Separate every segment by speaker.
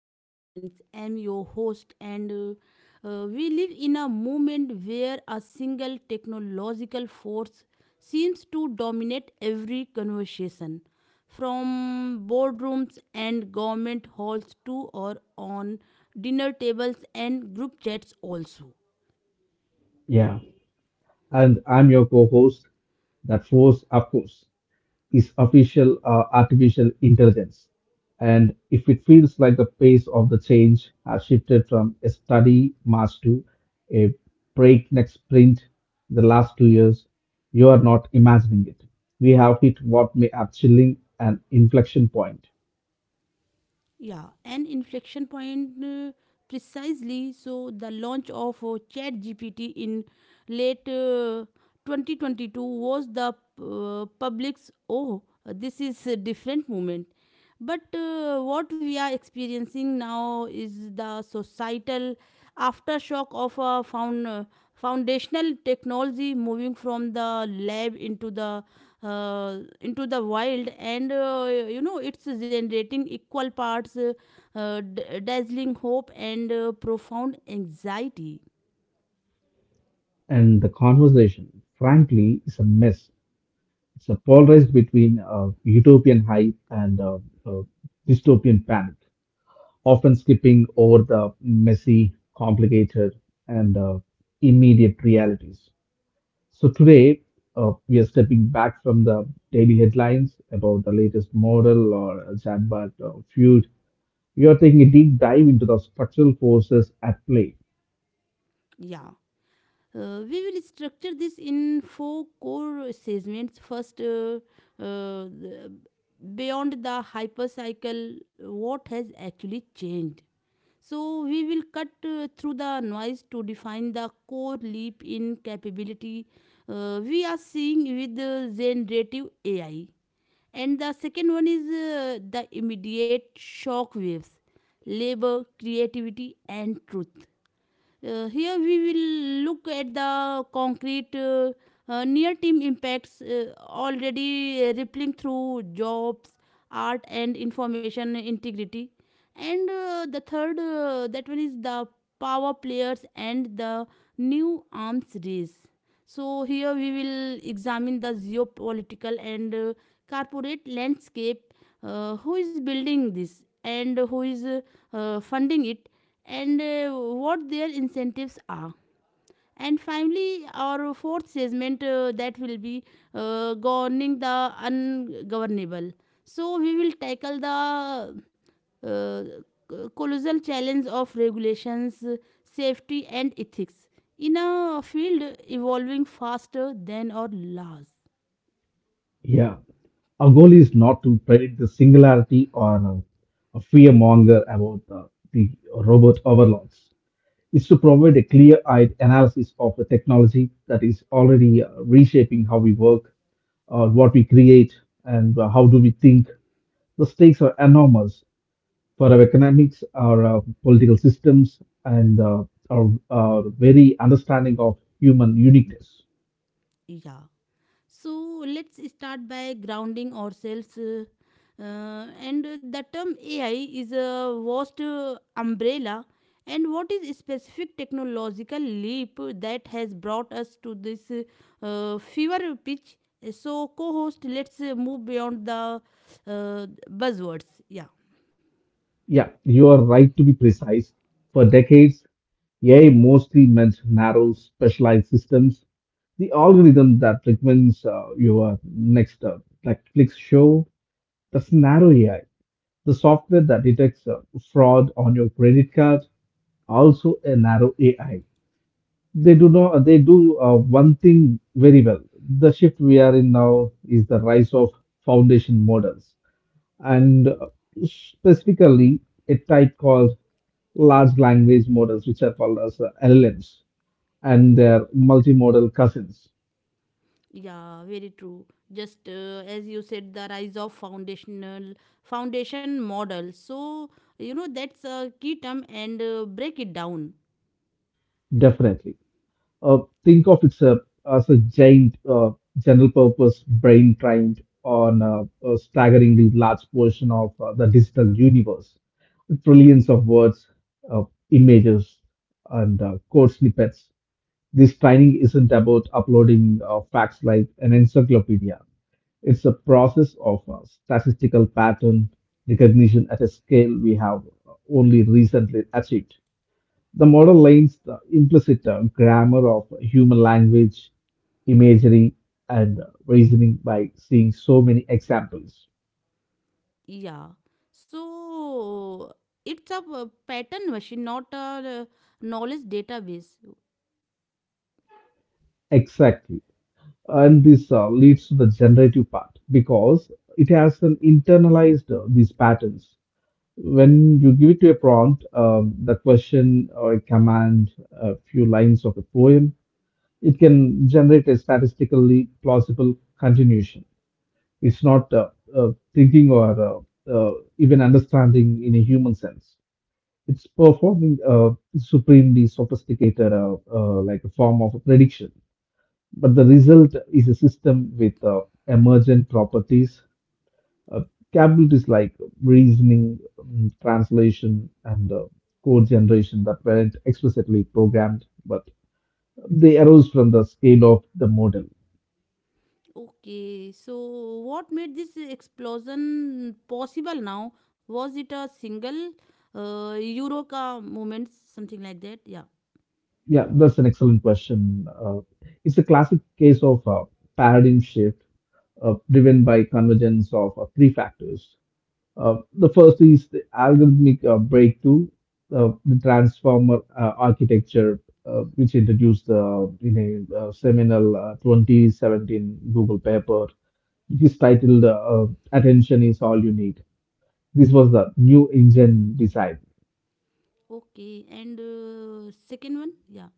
Speaker 1: Global Currents. I'm your host, and we live in a moment where a single technological force seems to dominate every conversation, from boardrooms and government halls to or on dinner tables and group chats also.
Speaker 2: Yeah, and I'm your co-host. That force, of course, is official artificial intelligence. And if it feels like the pace of the change has shifted from a study march to a breakneck sprint in the last 2 years, you are not imagining it. We have hit what may are chilling an inflection point.
Speaker 1: Yeah, an inflection point, precisely. So, the launch of ChatGPT in late 2022 was the public's oh, this is a different moment. But what we are experiencing now is the societal aftershock of a foundational technology moving from the lab into the wild, and you know it's generating equal parts dazzling hope and profound anxiety.
Speaker 2: And the conversation, frankly, is a mess. It's a polarized between utopian hype and uh, dystopian panic, often skipping over the messy, complicated, and immediate realities. So today, we are stepping back from the daily headlines about the latest model or a chatbot feud. We are taking a deep dive into the structural forces at play.
Speaker 1: Yeah, we will structure this in four core segments. First, uh, the- beyond the hypercycle, what has actually changed. So, we will cut through the noise to define the core leap in capability we are seeing with the generative AI. And the second one is the immediate shock waves: labor, creativity, and truth. Here we will look at the concrete near term impacts already rippling through jobs, art, and information integrity. And the third, that one is the power players and the new arms race. So here we will examine the geopolitical and corporate landscape, who is building this and who is funding it, and what their incentives are. And finally, our fourth segment, that will be governing the ungovernable. So we will tackle the uh, colossal challenge of regulations, safety, and ethics in a field evolving faster than our laws.
Speaker 2: Yeah, our goal is not to predict the singularity or a fear monger about the robot overlords. Is to provide a clear eyed analysis of a technology that is already reshaping how we work, what we create, and how do we think. The stakes are enormous for our economics, our political systems, and our very understanding of human uniqueness.
Speaker 1: Yeah. So let's start by grounding ourselves. And the term AI is a vast umbrella. And what is specific technological leap that has brought us to this fever pitch? So, co-host, let's move beyond the buzzwords. Yeah.
Speaker 2: Yeah, you are right to be precise. For decades, AI mostly meant narrow, specialized systems. The algorithm that recommends your next Netflix show. The Scenario AI, the software that detects fraud on your credit card, also a narrow AI. They do not. They do one thing very well. The shift we are in now is the rise of foundation models, and specifically a type called large language models, which are called as LLMs, and their multimodal cousins.
Speaker 1: Yeah, very true. Just as you said, the rise of foundation model. So you know that's a key term, and break it down.
Speaker 2: Definitely. uh, think of itself as a giant general purpose brain trained on a staggeringly large portion of the digital universe. Trillions of words, uh, images, and code snippets. This training isn't about uploading facts like an encyclopedia. It's a process of statistical pattern recognition at a scale we have only recently achieved. The model lays the implicit grammar of human language, imagery, and reasoning by seeing so many examples.
Speaker 1: Yeah. So it's a pattern machine, not a uh, knowledge database.
Speaker 2: Exactly. And this leads to the generative part because it has an internalized these patterns. When you give it to a prompt, the question or a command, a few lines of a poem, it can generate a statistically plausible continuation. It's not uh, thinking or even understanding in a human sense. It's performing a supremely sophisticated, like a form of prediction. But the result is a system with emergent properties, uh, capabilities like reasoning, translation, and code generation that weren't explicitly programmed, but they arose from the scale of the model.
Speaker 1: Okay. So what made this explosion possible? Now was it a single Eureka moment, something like that? Yeah.
Speaker 2: Yeah, that's an excellent question. It's a classic case of paradigm shift driven by convergence of three factors. The first is the algorithmic breakthrough, the transformer architecture, which introduced in a seminal 2017 Google paper. It is titled "Attention is All You Need." This was the new engine design.
Speaker 1: Okay. And second one, yeah.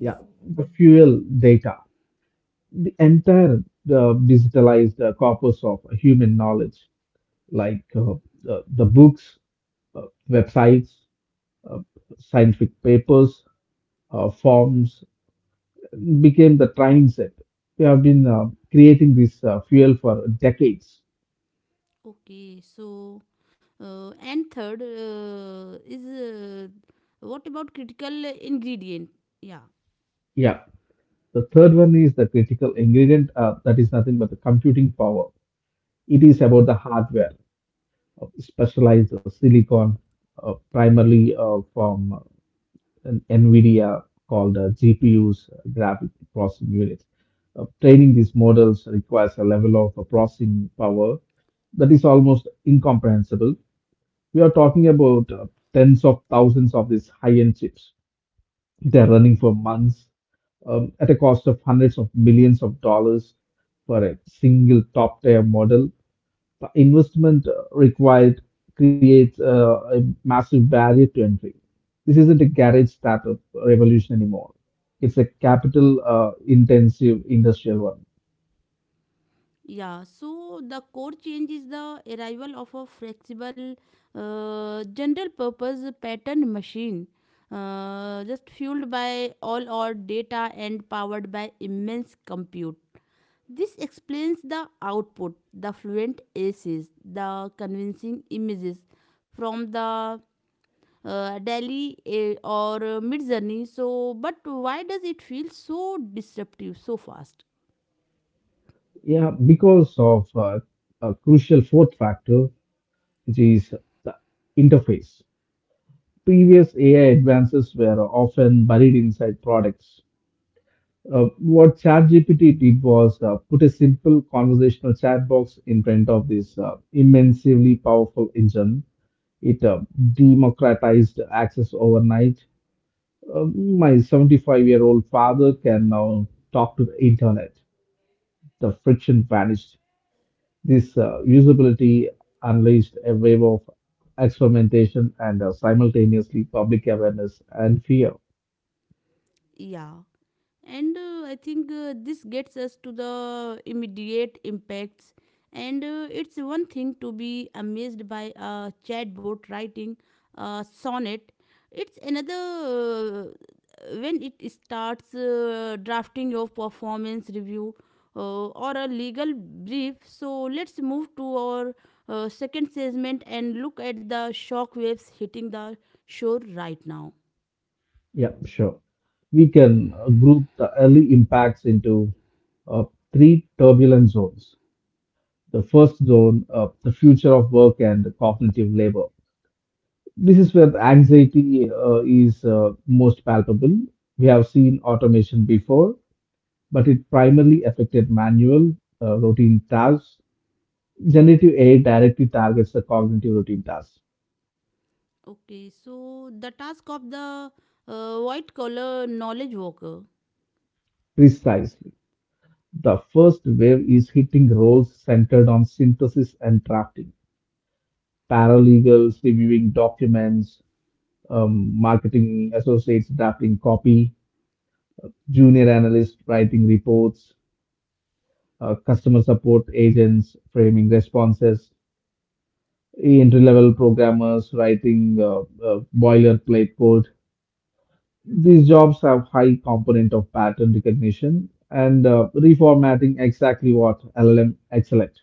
Speaker 2: Yeah, the fuel data, the entire digitalized corpus of human knowledge, like the books, uh, websites, uh, scientific papers, forms, became the training set. We have been creating this fuel for decades.
Speaker 1: Okay, so and third, is what about critical ingredient? Yeah,
Speaker 2: Yeah. The third one is the critical ingredient, that is nothing but the computing power. It is about the
Speaker 1: okay.
Speaker 2: hardware, specialized silicon, primarily from an NVIDIA called GPUs, graphic processing units. Training these models requires a level of processing power that is almost incomprehensible. We are talking about tens of thousands of these high-end chips. They are running for months at a cost of hundreds of millions of dollars for a single top-tier model. The investment required creates a massive barrier to entry. This isn't a garage startup revolution anymore. It's a capital intensive industrial one.
Speaker 1: Yeah, so the core change is the arrival of a flexible, general purpose pattern machine, just fueled by all our data and powered by immense compute. This explains the output, the fluent aces, the convincing images from the Delhi eh, or Mid Journey. So, but why does it feel so disruptive so fast?
Speaker 2: Yeah, because of a crucial fourth factor, which is the interface. Previous AI advances were often buried inside products. What ChatGPT did was put a simple conversational chat box in front of this immensely powerful engine. It democratized access overnight. My 75 year old father can now talk to the internet. The friction vanished. This usability unleashed a wave of experimentation and simultaneously public awareness and fear.
Speaker 1: Yeah. And I think this gets us to the immediate impacts. And it's one thing to be amazed by a chatbot writing a sonnet, it's another when it starts drafting your performance review or a legal brief. So let's move to our second segment and look at the shockwaves hitting the shore right now.
Speaker 2: Yeah, sure. We can group the early impacts into uh, three turbulent zones. The first zone, the future of work and cognitive labor. This is where the anxiety is most palpable. We have seen automation before, but it primarily affected manual, routine tasks. Generative AI directly targets the cognitive routine tasks.
Speaker 1: Okay, so the task of the white collar knowledge worker.
Speaker 2: Precisely. The first wave is hitting roles centered on synthesis and drafting. Paralegals reviewing documents, marketing associates drafting copy, junior analysts writing reports, customer support agents framing responses, entry level programmers writing boilerplate code. These jobs have high component of pattern recognition and reformatting exactly what LLM excel at.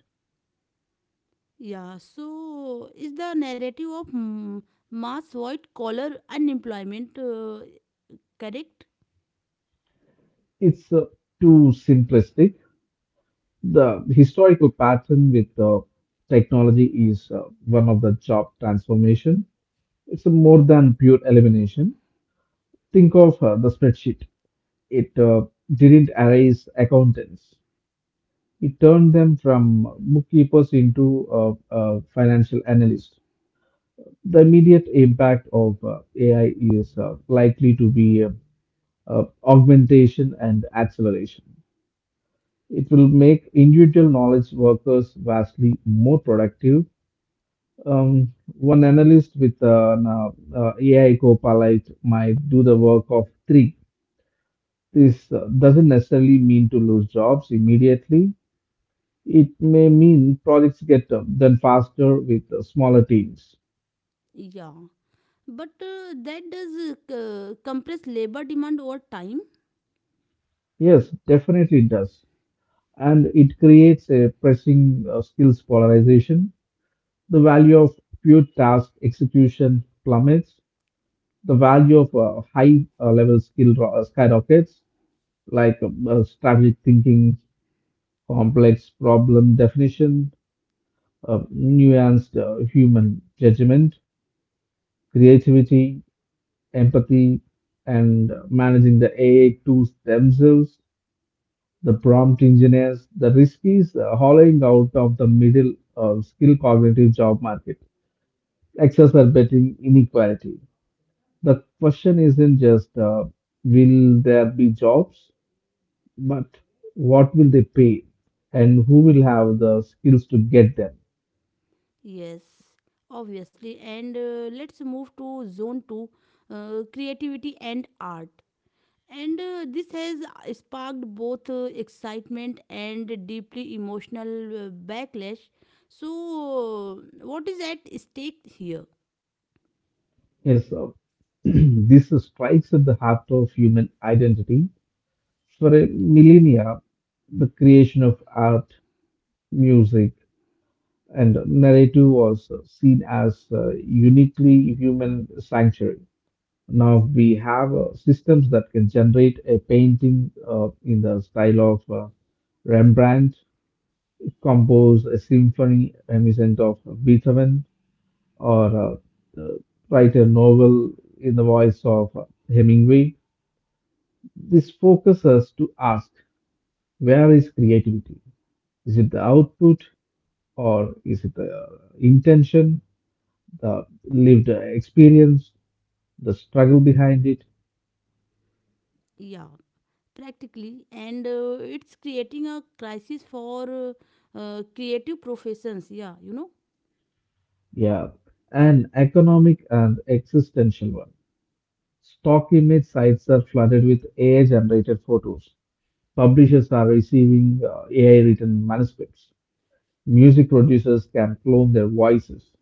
Speaker 1: Yeah, so is the narrative of mass white collar unemployment, correct?
Speaker 2: It's too simplistic. The historical pattern with technology is one of the job transformation. It's more than pure elimination. Think of the spreadsheet. It didn't erase accountants. It turned them from bookkeepers into financial analysts. The immediate impact of AI is likely to be augmentation and acceleration. It will make individual knowledge workers vastly more productive. One analyst with an AI copilot might do the work of three. This doesn't necessarily mean to lose jobs immediately. It may mean projects get done faster with smaller teams.
Speaker 1: Yeah, but that does compress labor demand over time.
Speaker 2: Yes, definitely it does. And it creates a pressing skills polarization. The value of pure task execution plummets. The value of high level skill skyrockets, like strategic thinking, complex problem definition, nuanced human judgment, creativity, empathy, and managing the AI tools themselves, the prompt engineers, the riskies hollowing out of the middle skill cognitive job market, exacerbating inequality. The question isn't just will there be jobs, but what will they pay and who will have the skills to get them?
Speaker 1: Yes, obviously. And let's move to zone two, creativity and art. And this has sparked both excitement and deeply emotional backlash. So, what is at stake here?
Speaker 2: Yes, sir. This strikes at the heart of human identity. For a millennia, the creation of art, music, and narrative was seen as a uniquely human sanctuary. Now we have systems that can generate a painting in the style of Rembrandt, compose a symphony reminiscent of Beethoven, or uh, uh, write a novel in the voice of Hemingway. This focuses to ask, where is creativity? Is it the output or is it the intention? Lived experience, the struggle behind it.
Speaker 1: Yeah, practically. And it's creating a crisis for creative professions. Yeah,
Speaker 2: Yeah, an economic and existential one. Stock image sites are flooded with AI generated photos. Publishers are receiving AI written manuscripts. Music producers can clone their voices.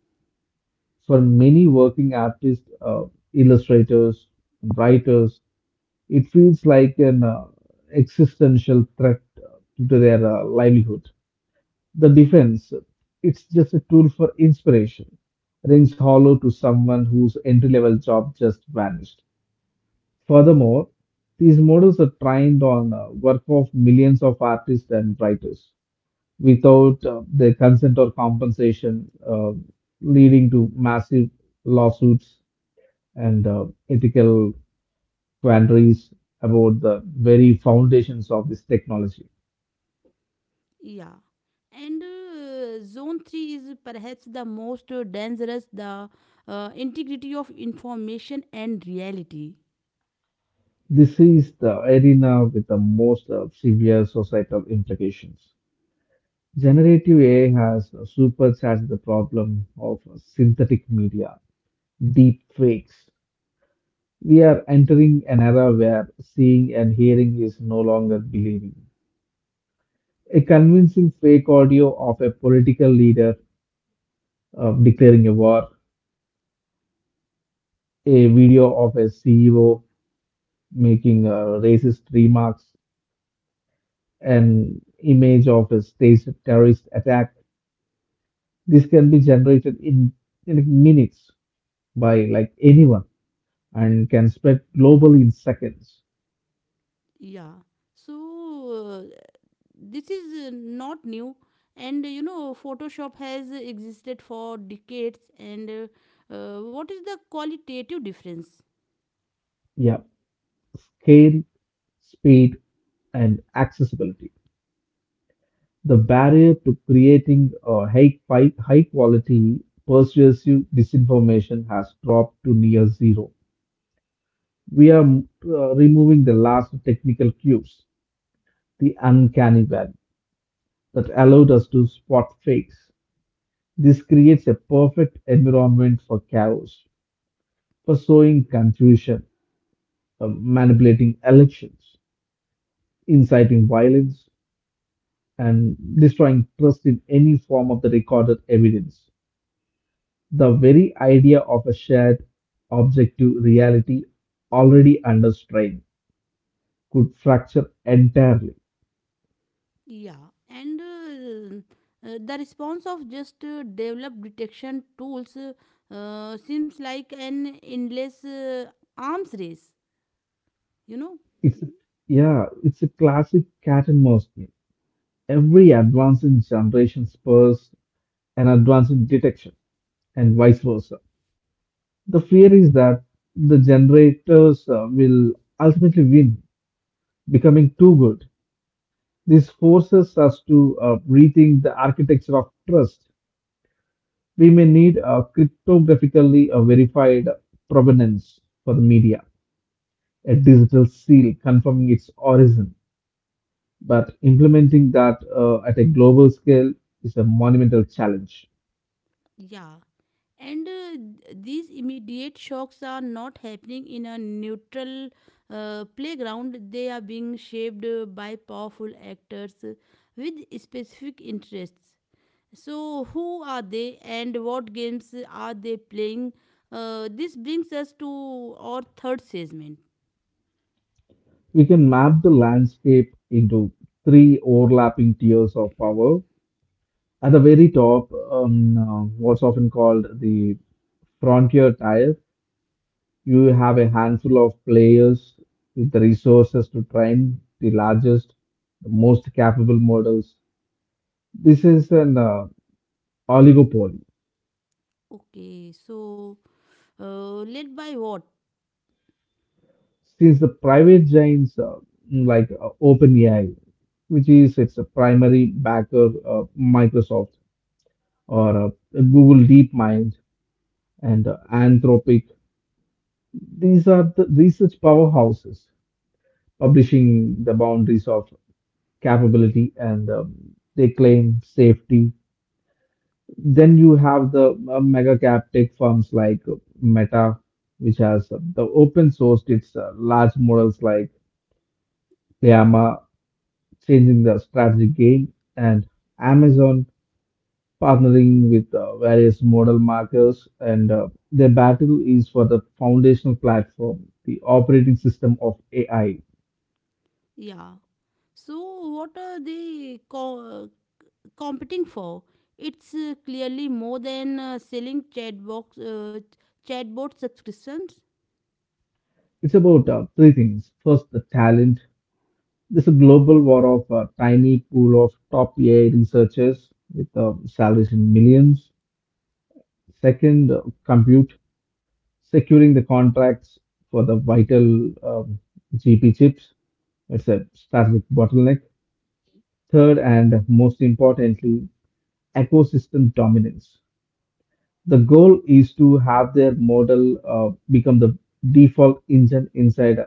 Speaker 2: For many working artists, illustrators, writers, it feels like an existential threat to their livelihood. The defense, it's just a tool for inspiration, rings hollow to someone whose entry level job just vanished. Furthermore, these models are trained on work of millions of artists and writers without their consent or compensation, leading to massive lawsuits and ethical quandaries about the very foundations of this technology.
Speaker 1: Yeah. And zone 3 is perhaps the most dangerous, the integrity of information and reality.
Speaker 2: This is the arena with the most severe societal implications. Generative AI has supercharged the problem of synthetic media, deep fakes. We are entering an era where seeing and hearing is no longer believing. A convincing fake audio of a political leader declaring a war, a video of a CEO making racist remarks, an image of a staged terrorist attack. This can be generated in minutes by like anyone and can spread globally in seconds.
Speaker 1: Yeah. So, this is not new. And you know photoshop has existed for decades, and what is the qualitative difference?
Speaker 2: Yeah, scale, speed, and accessibility. The barrier to creating a high quality persuasive disinformation has dropped to near zero. We are removing the last technical cues, the uncanny valley that allowed us to spot fakes. This creates a perfect environment for chaos, for sowing confusion, manipulating elections, inciting violence, and destroying trust in any form of the recorded evidence. The very idea of a shared objective reality, already under strain, could fracture entirely.
Speaker 1: Yeah, and the response of just developed detection tools seems like an endless arms race, you know
Speaker 2: It's Yeah, it's a classic cat and mouse game. Every advance in generation spurs an advance in detection, and vice versa. The fear is that the generators will ultimately win, becoming too good. This forces us to rethink the architecture of trust. We may need a cryptographically verified provenance for the media, a digital seal confirming its origin. But implementing that at a global scale is a monumental challenge.
Speaker 1: yeah. And these immediate shocks are not happening in a neutral playground, they are being shaped by powerful actors with specific interests. So, who are they and what games are they playing? This brings us to our third segment.
Speaker 2: We can map the landscape into three overlapping tiers of power. At the very top, what's often called the frontier tier, you have a handful of players with the resources to train the largest, the most capable models. This is an oligopoly.
Speaker 1: Okay, so led by what?
Speaker 2: Since the private giants like OpenAI, which is its primary backer, Microsoft or Google DeepMind and Anthropic, these are the research powerhouses, publishing the boundaries of capability and, they claim safety. Then you have the mega cap tech firms like Meta, which has the open sourced its large models like Llama, changing the strategy game, and Amazon partnering with various model markers. And their battle is for the foundational platform, the operating system of AI.
Speaker 1: Yeah. So, what are they competing for? It's clearly more than selling chatbox, chatbot subscriptions.
Speaker 2: It's about three things. First, the talent. This is a global war of a tiny pool of top AI researchers with salaries in millions. Second, compute, securing the contracts for the vital, um, GP chips. It's a strategic bottleneck. Third, and most importantly, ecosystem dominance. The goal is to have their model become the default engine inside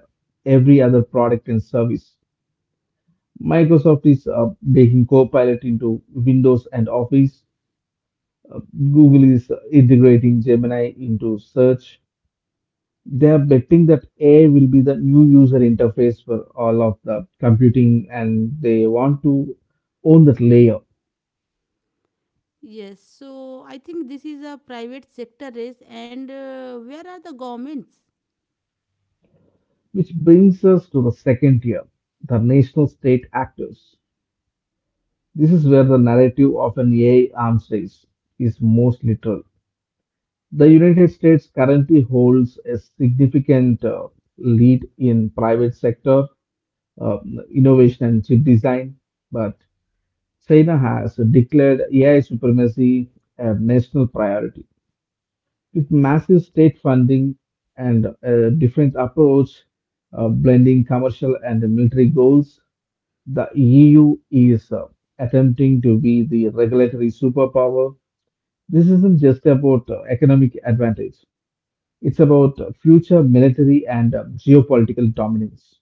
Speaker 2: every other product and service. Microsoft is baking Copilot into Windows and Office. Google is integrating Gemini into search. They are betting that AI will be the new user interface for all of the computing, and they want to own that layer.
Speaker 1: Yes, so I think this is a private sector race, and where are the governments?
Speaker 2: Which brings us to the second tier, the national state actors. This is where the narrative of an AI arms race is most literal. The United States currently holds a significant lead in private sector, innovation and chip design, but China has declared AI supremacy a national priority. With massive state funding and a different approach, blending commercial and military goals, the EU is attempting to be the regulatory superpower. This isn't just about economic advantage. It's about future military and geopolitical dominance,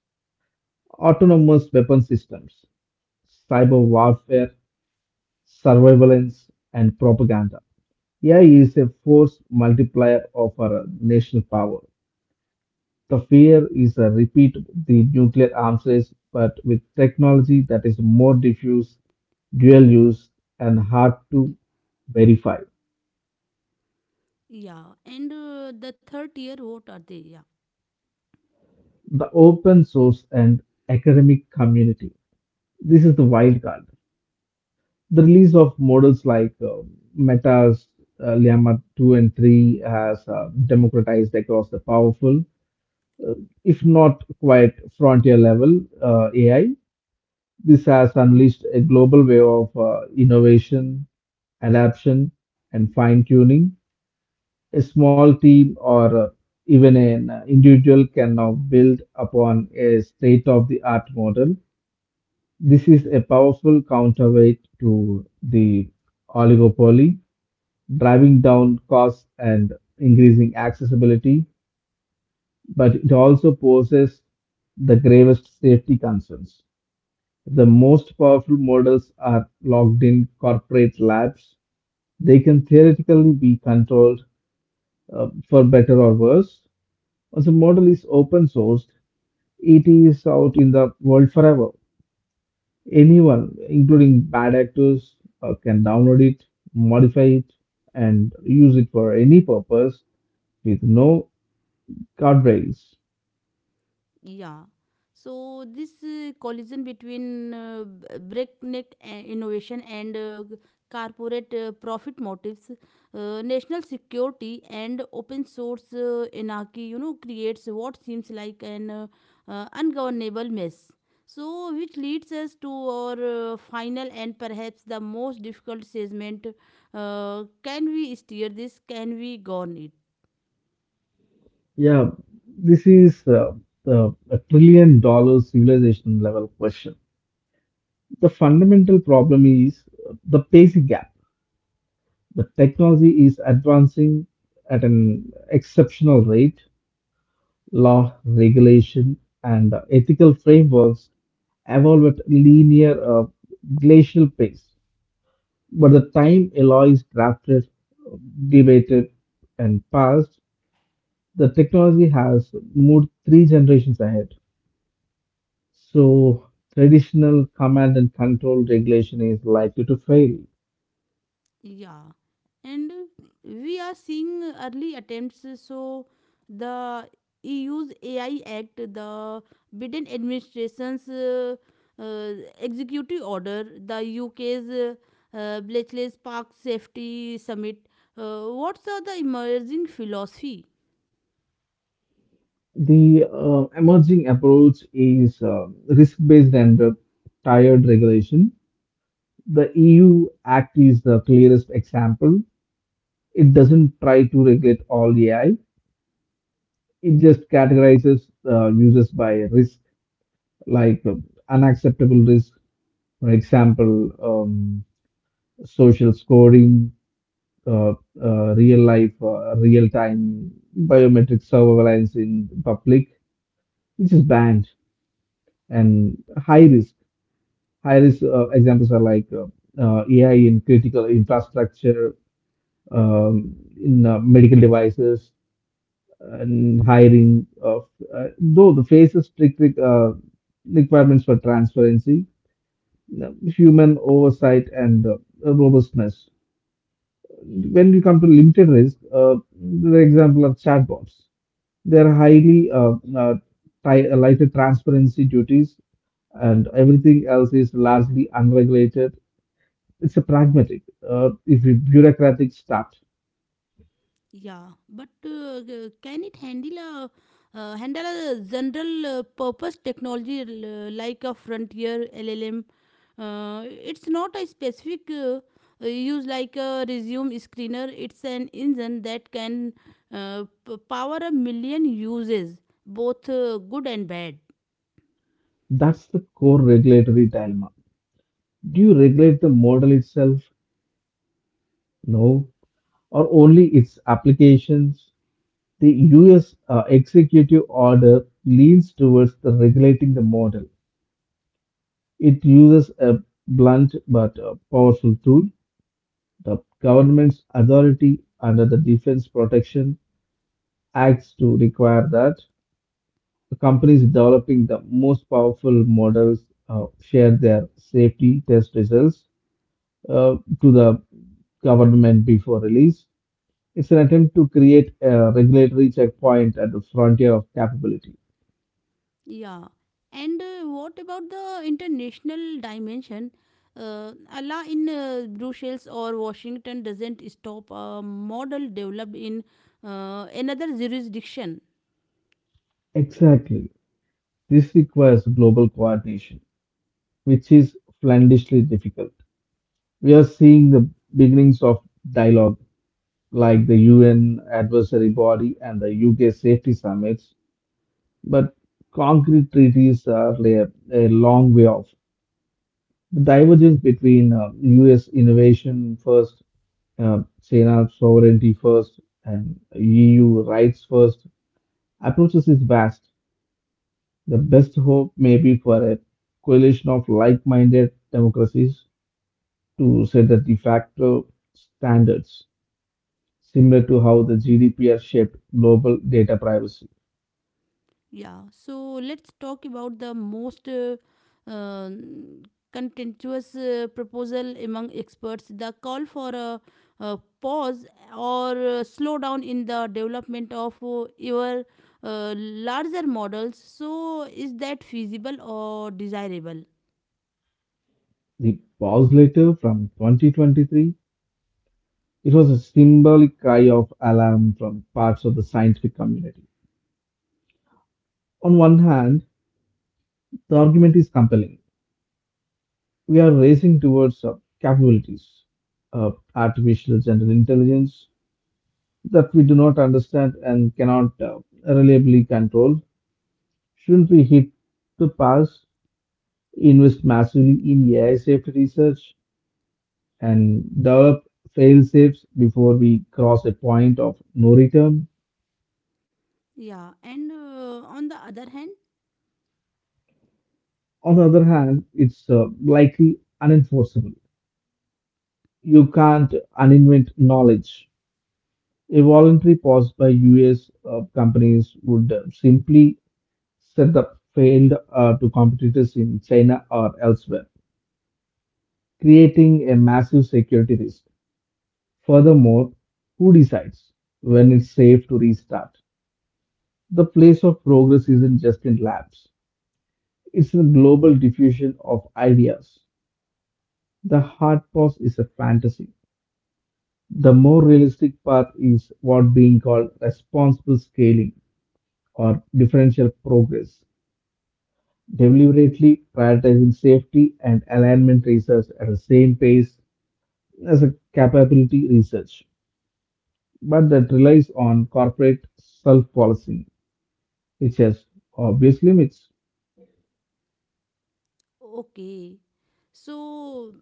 Speaker 2: autonomous weapon systems, cyber warfare, surveillance, and propaganda. AI is a force multiplier of our national power. The fear is a repeat the nuclear arms race, but with technology that is more diffuse, dual use, and hard to verify.
Speaker 1: Yeah, and the third tier, what are they? Yeah.
Speaker 2: The open source and academic community. This is the wild card, the release of models like Meta's Llama 2 and 3 has democratized across the powerful, uh, if not quite frontier level AI. This has unleashed a global wave of innovation, adaption, and fine tuning. A small team or even an individual can now build upon a state of the art model. This is a powerful counterweight to the oligopoly, driving down costs and increasing accessibility, but it also poses the gravest safety concerns. The most powerful models are locked in corporate labs, they can theoretically be controlled for better or worse. Once a model is open sourced, it is out in the world forever. Anyone, including bad actors, can download it, modify it, and use it for any purpose with no Card race.
Speaker 1: Yeah. So this collision between breakneck innovation and corporate profit motives, national security and open source anarchy, you know, creates what seems like an ungovernable mess. So which leads us to our final and perhaps the most difficult segment. Can we steer this? Can we govern it?
Speaker 2: Yeah, this is the a $1 trillion civilization level question. The fundamental problem is the basic gap. The technology is advancing at an exceptional rate. Law, regulation, and ethical frameworks evolve at linear, glacial pace. But the time a law is drafted, debated, and passed, the technology has moved three generations ahead. So, traditional command and control regulation is likely to fail.
Speaker 1: Yeah. And we are seeing early attempts. So the EU's AI Act, the Biden administration's uh, executive order, the UK's Bletchley Park safety summit, what's the emerging philosophy?
Speaker 2: The emerging approach is risk-based and tiered regulation. The EU Act is the clearest example. It doesn't try to regulate all AI. It just categorizes users by risk, like unacceptable risk, for example, social scoring, uh, real life, real time biometric surveillance in public, which is banned, and high risk. High risk examples are like AI in critical infrastructure, um, in medical devices, and hiring of though the phases strict requirements for transparency, human oversight, and robustness. When you come to limited risk, the example of chatbots, they are lighter transparency duties, and everything else is largely unregulated. It's a pragmatic, if you bureaucratic start.
Speaker 1: Yeah, but can it handle a handle a general purpose technology like a frontier LLM? It's not a specific use like a resume screener. It's an engine that can power a million uses, both good and bad.
Speaker 2: That's the core regulatory dilemma. Do you regulate the model itself? No, or only its applications, the US executive order leans towards the regulating the model. It uses a blunt but powerful tool, the government's authority under the Defense Protection Acts to require that the companies developing the most powerful models share their safety test results to the government before release. It's an attempt to create a regulatory checkpoint at the frontier of capability.
Speaker 1: Yeah, and what about the international dimension? Allah in Brussels or Washington doesn't stop a model developed in another jurisdiction.
Speaker 2: Exactly. This requires global coordination, which is flandishly difficult. We are seeing the beginnings of dialogue, like the UN adversary body and the UK safety summits, but concrete treaties are a long way off. The divergence between US innovation first, China sovereignty first, and EU rights first approaches is vast. The best hope may be for a coalition of like minded democracies to set the de facto standards, similar to how the GDPR shaped global data privacy.
Speaker 1: Yeah, so let's talk about the most um, contentious proposal among experts, the call for a, uh pause or slow down in the development of your larger models. So, is that feasible or desirable?
Speaker 2: The pause letter from 2023, it was a symbolic cry of alarm from parts of the scientific community. On one hand, the argument is compelling. We are racing towards capabilities, artificial general intelligence, that we do not understand and cannot reliably control. Shouldn't we hit the pass, invest massively in AI safety research, and develop fail safes before we cross a point of no return?
Speaker 1: Yeah, and on the other hand.
Speaker 2: On the other hand, it's likely unenforceable. You can't uninvent knowledge. A voluntary pause by US companies would simply set up failed to competitors in China or elsewhere, creating a massive security risk. Furthermore, who decides when it's safe to restart? The place of progress isn't just in labs, it's a global diffusion of ideas. The hard pause is a fantasy. The more realistic path is what being called responsible scaling or differential progress, deliberately prioritizing safety and alignment research at the same pace as a capability research, but that relies on corporate self-policing, which has obvious limits.
Speaker 1: Okay. So,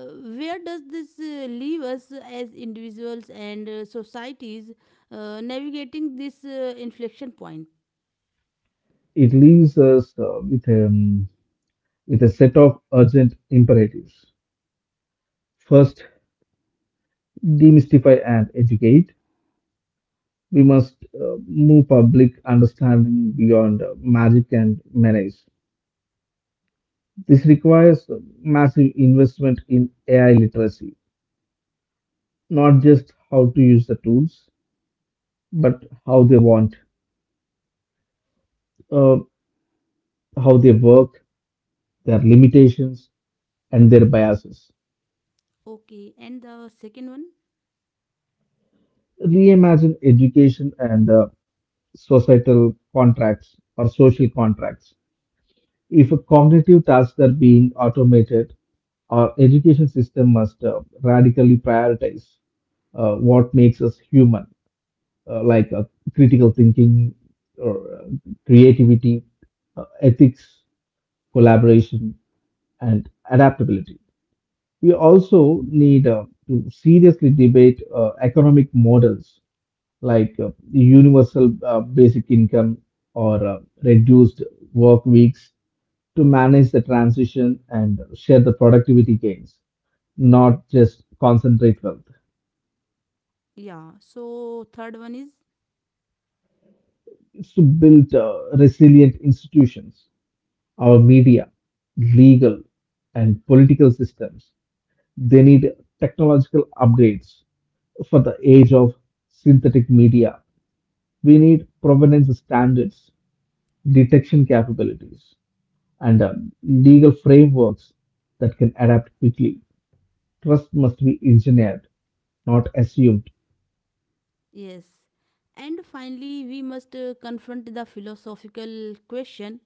Speaker 1: Uh, where does this leave us as individuals and societies navigating this inflection point?
Speaker 2: It leaves us with a set of urgent imperatives. First, demystify and educate. We must move public understanding beyond magic and menace. This requires massive investment in AI literacy, not just how to use the tools, but uh, how they work, their limitations, and their biases.
Speaker 1: Okay, and the second one?
Speaker 2: Reimagine education and societal contracts or social contracts. If cognitive tasks are being automated, our education system must radically prioritize what makes us human, like critical thinking or creativity, ethics, collaboration, and adaptability. We also need to seriously debate economic models like universal basic income or reduced work weeks to manage the transition and share the productivity gains, not just concentrate wealth.
Speaker 1: Yeah, so third one is.
Speaker 2: It's to build resilient institutions, our media, legal, and political systems. They need technological upgrades for the age of synthetic media. We need provenance standards, detection capabilities, and, legal frameworks that can adapt quickly. Trust must be engineered, not assumed.
Speaker 1: Yes. And finally, we must confront the philosophical question.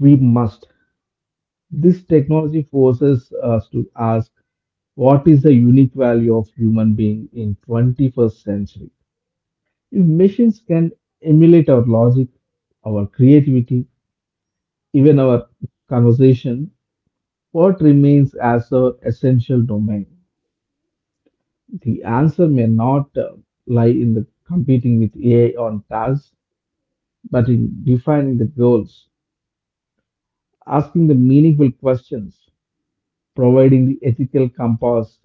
Speaker 2: We must. This technology forces us to ask, what is the unique value of human being in 21st century if machines can emulate our logic, our creativity, even our conversation? What remains as our essential domain? The answer may not lie in the competing with ai on tasks, but in defining the goals, asking the meaningful questions, providing the ethical compass,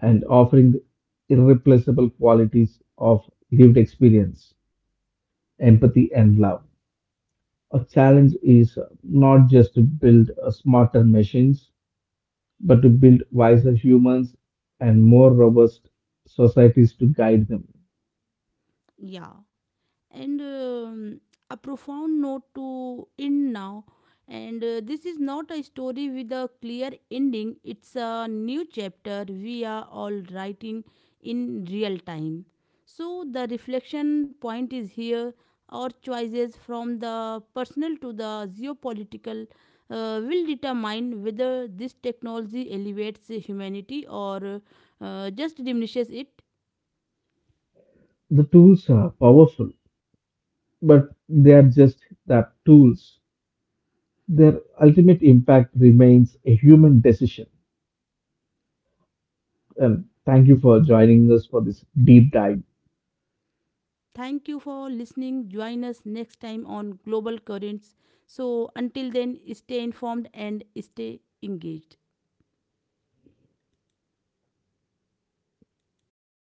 Speaker 2: and offering the irreplaceable qualities of lived experience, empathy, and love. A challenge is not just to build smarter machines, but to build wiser humans and more robust societies to guide them.
Speaker 1: Yeah, and a profound note to end now. And this is not a story with a clear ending, it's a new chapter we are all writing in real time. So, the reflection point is here. Our choices, from the personal to the geopolitical, will determine whether this technology elevates humanity or just diminishes it.
Speaker 2: The tools are powerful, but they are just that tools. Their ultimate impact remains a human decision. And thank you for joining us for this deep dive.
Speaker 1: Thank you for listening. Join us next time on Global Currents. So, until then, stay informed and stay engaged.